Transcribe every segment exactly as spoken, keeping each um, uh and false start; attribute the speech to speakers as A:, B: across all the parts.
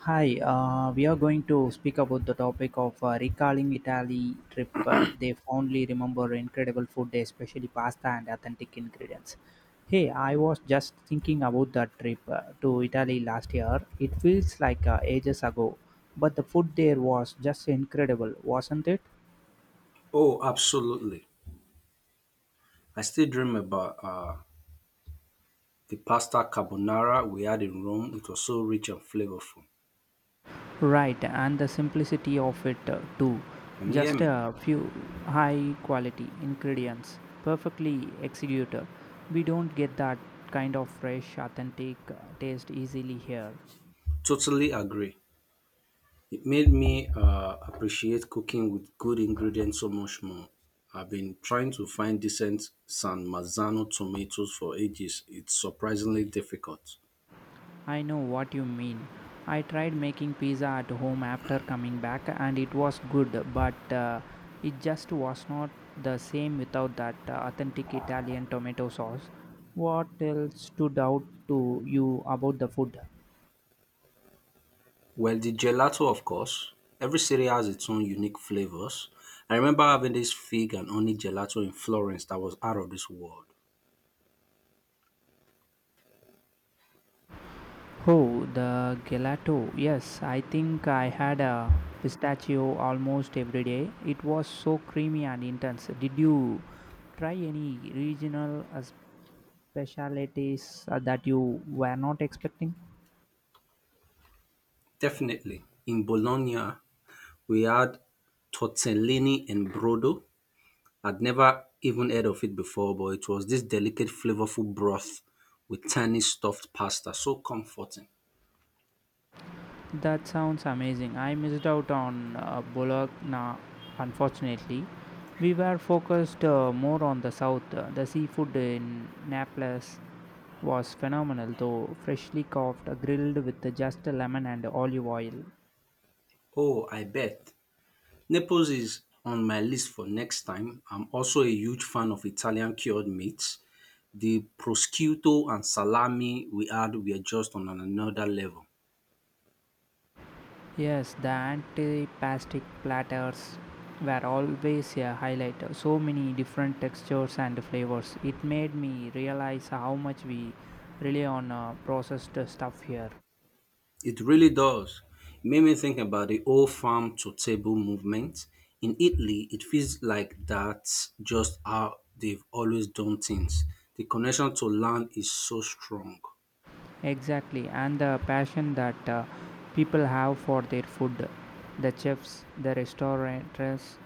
A: Hi, uh, we are going to speak about the topic of uh, recalling Italy trip. Uh, they fondly remember incredible food, especially pasta and authentic ingredients. Hey, I was just thinking about that trip uh, to Italy last year. It feels like uh, ages ago, but the food there was just incredible, wasn't it?
B: Oh, absolutely. I still dream about uh, the pasta carbonara we had in Rome. It was so rich and flavorful.
A: Right, and the simplicity of it uh, too.
B: Can you hear
A: Just
B: me?
A: a few high quality ingredients, perfectly executed. We don't get that kind of fresh, authentic uh, taste easily here.
B: Totally agree. It made me uh, appreciate cooking with good ingredients so much more. I've been trying to find decent San Marzano tomatoes for ages. It's surprisingly difficult.
A: I know what you mean. I tried making pizza at home after coming back and it was good, but uh, it just was not the same without that uh, authentic Italian tomato sauce. What else stood out to you about the food?
B: Well, the gelato, of course. Every city has its own unique flavors. I remember having this fig and honey gelato in Florence that was out of this world.
A: Oh, the gelato. Yes, I think I had a pistachio almost every day. It was so creamy and intense. Did you try any regional uh, specialties uh, that you were not expecting?
B: Definitely. In Bologna, we had tortellini and brodo. I'd never even heard of it before, but it was this delicate, flavorful broth with tiny stuffed pasta. So comforting.
A: That sounds amazing. I missed out on uh, Bologna, unfortunately. We were focused uh, more on the south, uh, the seafood in Naples was phenomenal though, freshly cooked, grilled with just lemon and olive oil.
B: Oh, I bet. Naples is on my list for next time. I'm also a huge fan of Italian cured meats. The prosciutto and salami we had were just on another level.
A: Yes, the antipastic platters were always a highlight. So many different textures and flavors. It made me realize how much we rely on uh, processed stuff here.
B: It really does. It made me think about the old farm to table movement. In Italy, it feels like that's just how they've always done things. The connection to land is so strong.
A: Exactly, and the passion that uh, people have for their food, the chefs, the restaurateurs,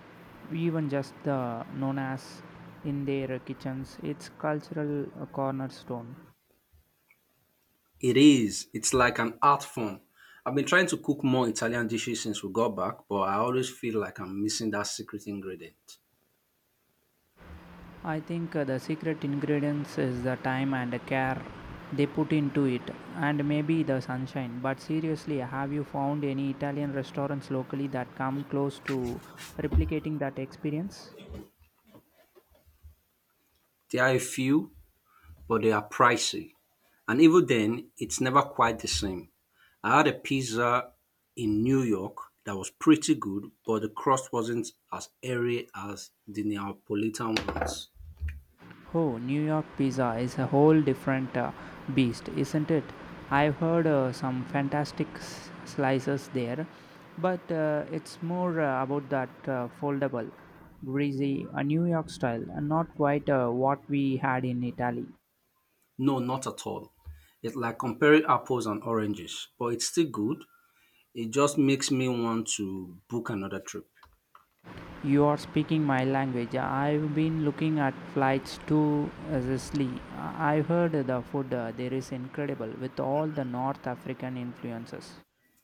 A: even just the nonas in their kitchens, it's cultural uh, cornerstone.
B: It is. It's like an art form. I've been trying to cook more Italian dishes since we got back, but I always feel like I'm missing that secret ingredient.
A: I think uh, the secret ingredients is the time and the care they put into it, and maybe the sunshine. But seriously, have you found any Italian restaurants locally that come close to replicating that experience?
B: There are a few, but they are pricey. And even then, it's never quite the same. I had a pizza in New York that was pretty good, but the crust wasn't as airy as the Neapolitan ones.
A: Oh, New York pizza is a whole different uh, beast, isn't it? I've heard uh, some fantastic s- slices there, but uh, it's more uh, about that uh, foldable, greasy, a New York style, and not quite uh, what we had in Italy.
B: No, not at all. It's like comparing apples and oranges, but it's still good. It just makes me want to book another trip.
A: You are speaking my language. I've been looking at flights to uh, Sicily. I- I've heard the food uh, there is incredible with all the North African influences.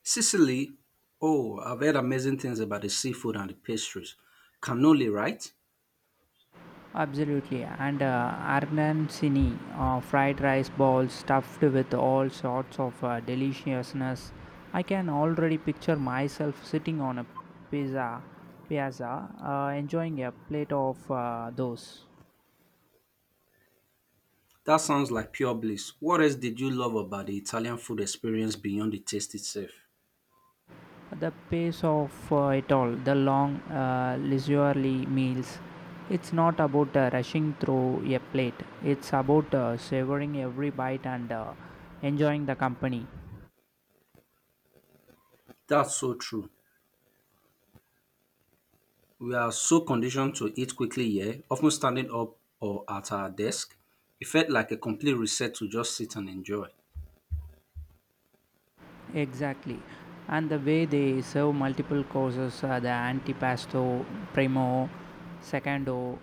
B: Sicily, oh, I've heard amazing things about the seafood and the pastries. Cannoli, right?
A: Absolutely, and uh, Arnamsini uh, fried rice balls stuffed with all sorts of uh, deliciousness. I can already picture myself sitting on a pizza piazza, uh, enjoying a plate of uh, those.
B: That sounds like pure bliss. What else did you love about the Italian food experience beyond the taste itself?
A: The pace of uh, it all, the long, uh, leisurely meals. It's not about uh, rushing through a plate. It's about uh, savoring every bite and uh, enjoying the company.
B: That's so true. We are so conditioned to eat quickly here, often standing up or at our desk. It felt like a complete reset to just sit and enjoy.
A: Exactly. And the way they serve multiple courses are the antipasto, primo, secondo,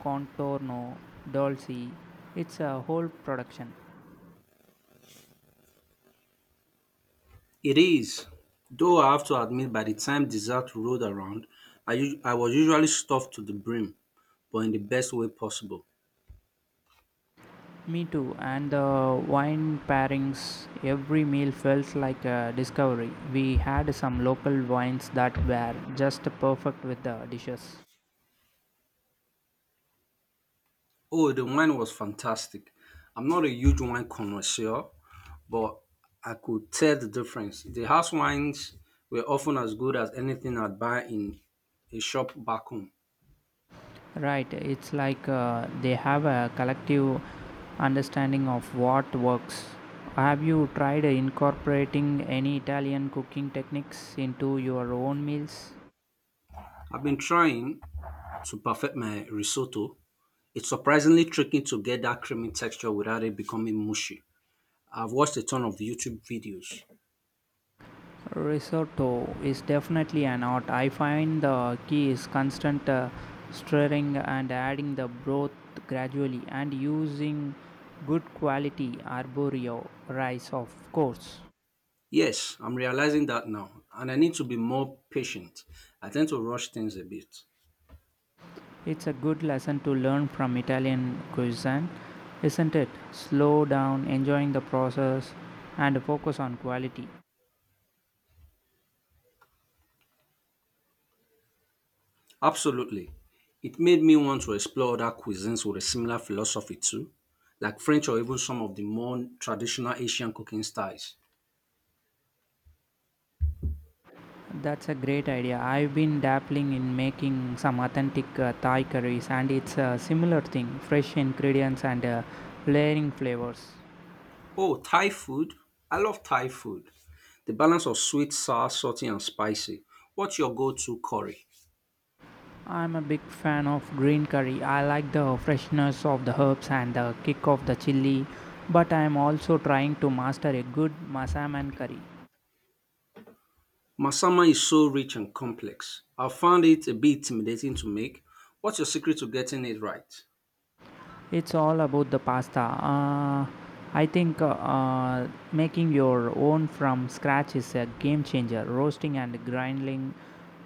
A: contorno, dolce. It's a whole production.
B: It is. Though I have to admit, by the time dessert rolled around, I us- I was usually stuffed to the brim, but in the best way possible.
A: Me too. And the wine pairings, every meal felt like a discovery. We had some local wines that were just perfect with the dishes.
B: Oh, the wine was fantastic. I'm not a huge wine connoisseur, but I could tell the difference. The house wines were often as good as anything I'd buy in a shop back home.
A: Right, it's like uh, they have a collective understanding of what works. Have you tried incorporating any Italian cooking techniques into your own meals?
B: I've been trying to perfect my risotto. It's surprisingly tricky to get that creamy texture without it becoming mushy. I've watched a ton of YouTube videos.
A: Risotto is definitely an art. I find the key is constant uh, stirring and adding the broth gradually and using good quality arborio rice, of course.
B: Yes, I'm realizing that now, and I need to be more patient. I tend to rush things a bit.
A: It's a good lesson to learn from Italian cuisine, isn't it? Slow down, enjoying the process, and focus on quality.
B: Absolutely. It made me want to explore other cuisines with a similar philosophy too, like French or even some of the more traditional Asian cooking styles.
A: That's a great idea. I've been dabbling in making some authentic uh, Thai curries, and it's a similar thing fresh ingredients and uh, layering flavors.
B: Oh, Thai food. I love Thai food. The balance of sweet, sour, salty, and spicy. What's your go to curry?
A: I'm a big fan of green curry. I like the freshness of the herbs and the kick of the chili, but I'm also trying to master a good Masaman curry.
B: Masama is so rich and complex. I found it a bit intimidating to make. What's your secret to getting it right?
A: It's all about the pasta. Uh, I think uh, uh, making your own from scratch is a game changer. Roasting and grinding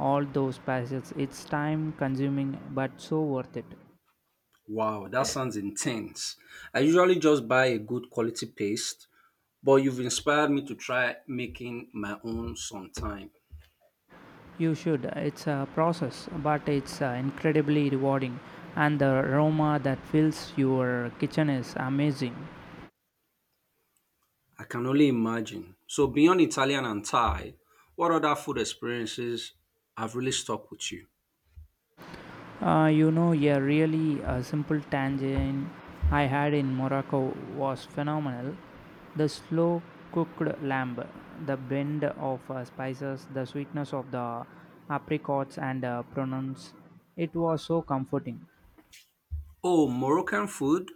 A: all those spices, it's time consuming but so worth it.
B: Wow, that sounds intense. I usually just buy a good quality paste, but you've inspired me to try making my own sometime.
A: You should. It's a process, but it's uh, incredibly rewarding. And the aroma that fills your kitchen is amazing.
B: I can only imagine. So beyond Italian and Thai, what other food experiences have really stuck with you?
A: Uh, you know, yeah, really a simple tangent I had in Morocco was phenomenal. The slow cooked lamb, the blend of uh, spices, the sweetness of the apricots and uh, prunes. It was so comforting.
B: Oh, Moroccan food.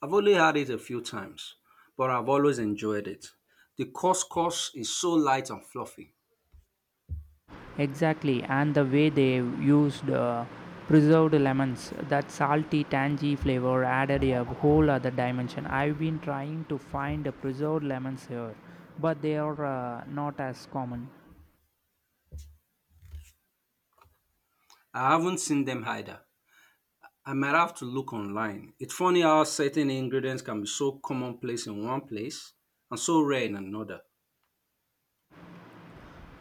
B: I've only had it a few times, but I've always enjoyed it. The couscous is so light and fluffy.
A: Exactly, and the way they used uh, preserved lemons, that salty, tangy flavor added a whole other dimension. I've been trying to find preserved lemons here, but they are uh, not as common.
B: I haven't seen them either. I might have to look online. It's funny how certain ingredients can be so commonplace in one place and so rare in another.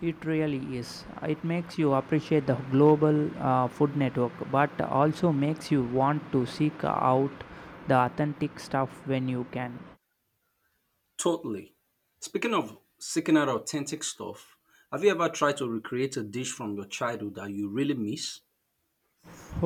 A: It really is. It makes you appreciate the global uh, food network, but also makes you want to seek out the authentic stuff when you can.
B: Totally. Speaking of seeking out authentic stuff, have you ever tried to recreate a dish from your childhood that you really miss?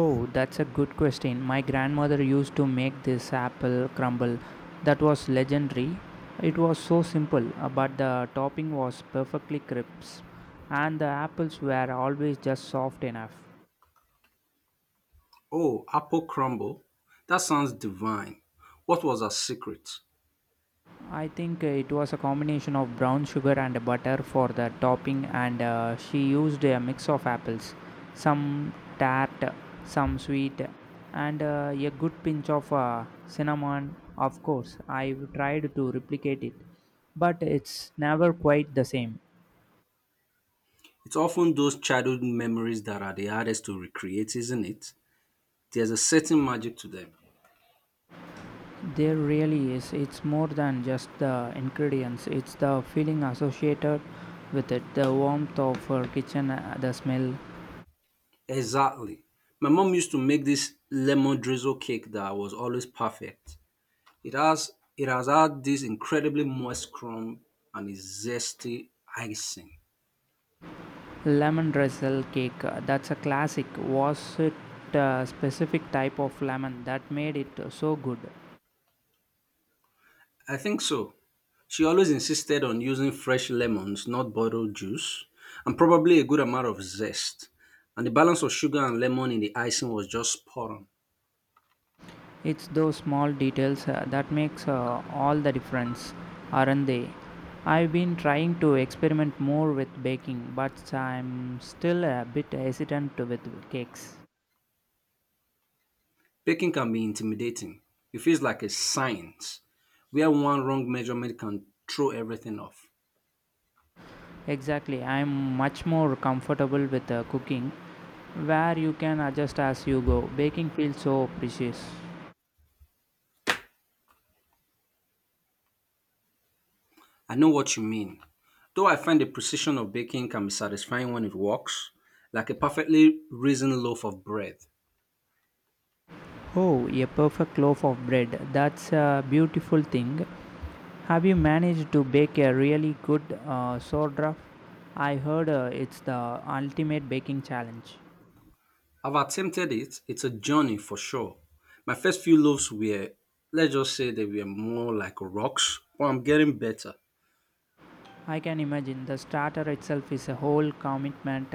A: Oh, that's a good question. My grandmother used to make this apple crumble that was legendary. It was so simple, uh, but the topping was perfectly crisp, and the apples were always just soft enough.
B: Oh, apple crumble. That sounds divine. What was our secret?
A: I think uh, it was a combination of brown sugar and butter for the topping, and uh, she used a mix of apples, some tart, some sweet, and uh, a good pinch of uh, cinnamon. Of course, I've tried to replicate it, but it's never quite the same.
B: It's often those childhood memories that are the hardest to recreate, isn't it? There's a certain magic to them.
A: There really is. It's more than just the ingredients, it's the feeling associated with it, the warmth of her kitchen, uh, the smell.
B: Exactly. My mom used to make this lemon drizzle cake that was always perfect. It has it has had this incredibly moist crumb and a zesty icing.
A: Lemon drizzle cake, uh, that's a classic. Was it a specific type of lemon that made it so good?
B: I think so. She always insisted on using fresh lemons, not bottled juice, and probably a good amount of zest. And the balance of sugar and lemon in the icing was just spot on.
A: It's those small details uh, that makes uh, all the difference, aren't they? I've been trying to experiment more with baking, but I'm still a bit hesitant with cakes.
B: Baking can be intimidating. It feels like a science where one wrong measurement can throw everything off.
A: Exactly, I'm much more comfortable with uh, cooking, where you can adjust as you go. Baking feels so precious.
B: I know what you mean. Though I find the precision of baking can be satisfying when it works, like a perfectly risen loaf of bread.
A: Oh, a perfect loaf of bread. That's a beautiful thing. Have you managed to bake a really good uh, sourdough? I heard uh, it's the ultimate baking challenge.
B: I've attempted it. It's a journey for sure. My first few loaves were, let's just say, they were more like rocks, but I'm getting better.
A: I can imagine the starter itself is a whole commitment.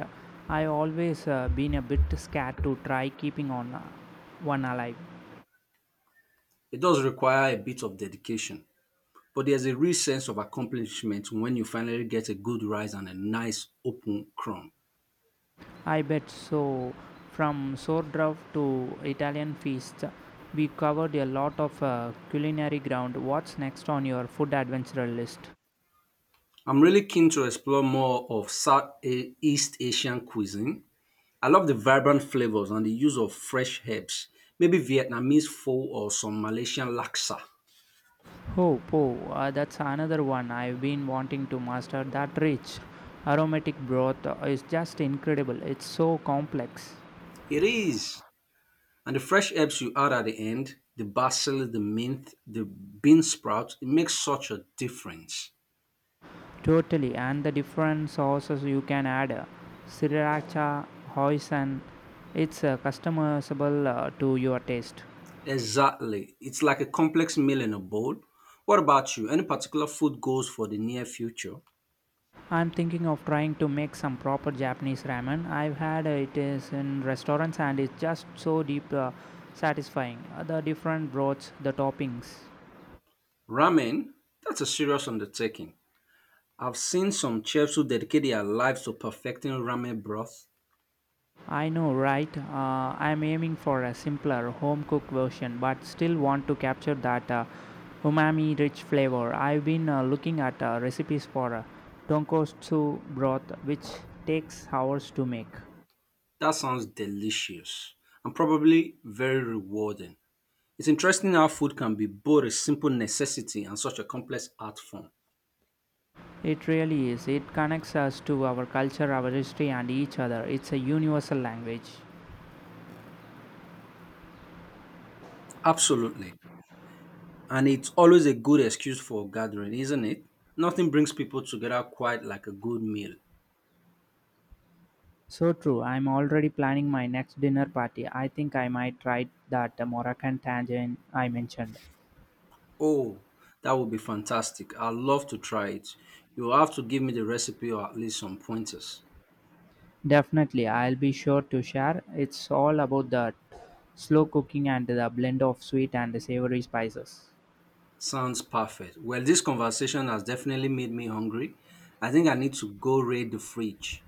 A: I always uh, been a bit scared to try keeping on uh, one alive.
B: It does require a bit of dedication, but there's a real sense of accomplishment when you finally get a good rise and a nice open crumb.
A: I bet so. From sourdough to Italian feasts, we covered a lot of uh, culinary ground. What's next on your food adventure list?
B: I'm really keen to explore more of Southeast Asian cuisine. I love the vibrant flavors and the use of fresh herbs, maybe Vietnamese pho or some Malaysian laksa.
A: Oh, oh! uh, That's another one I've been wanting to master. That rich aromatic broth uh, is just incredible. It's so complex.
B: It is. And the fresh herbs you add at the end, the basil, the mint, the bean sprout, it makes such a difference.
A: Totally, and the different sauces you can add uh, sriracha, hoisin, it's uh, customizable uh, to your taste.
B: Exactly. It's like a complex meal in a bowl. What about you? Any particular food goals for the near future?
A: I'm thinking of trying to make some proper Japanese ramen. I've had uh, it is in restaurants and it's just so deep uh, satisfying. Uh, the different broths, the toppings.
B: Ramen? That's a serious undertaking. I've seen some chefs who dedicate their lives to perfecting ramen broth.
A: I know, right? Uh, I'm aiming for a simpler, home cooked version, but still want to capture that uh, umami rich flavor. I've been uh, looking at uh, recipes for uh, tonkotsu broth, which takes hours to make.
B: That sounds delicious and probably very rewarding. It's interesting how food can be both a simple necessity and such a complex art form.
A: It really is. It connects us to our culture, our history, and each other. It's a universal language.
B: Absolutely. And it's always a good excuse for a gathering, isn't it? Nothing brings people together quite like a good meal.
A: So true. I'm already planning my next dinner party. I think I might try that uh, Moroccan tangine I mentioned.
B: Oh, that would be fantastic. I'd love to try it. You'll have to give me the recipe or at least some pointers.
A: Definitely, I'll be sure to share. It's all about the slow cooking and the blend of sweet and savory spices.
B: Sounds perfect. Well, this conversation has definitely made me hungry. I think I need to go raid the fridge.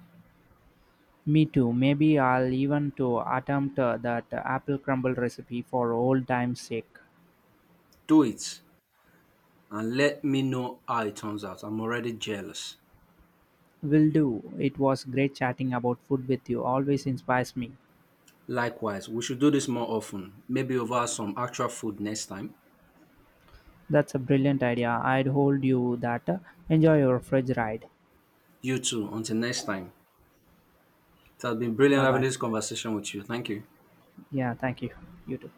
A: Me too. Maybe I'll even to attempt uh, that apple crumble recipe for old time's sake.
B: Do it and let me know how it turns out. I'm already jealous.
A: Will do. It was great chatting about food with you. Always inspires me.
B: Likewise, we should do this more often, maybe over some actual food next time.
A: That's a brilliant idea. I'd hold you that. Enjoy your fridge ride.
B: You too, until next time. It has been brilliant
A: Bye
B: having
A: bye.
B: this conversation with you. Thank you.
A: Yeah, thank you. You too.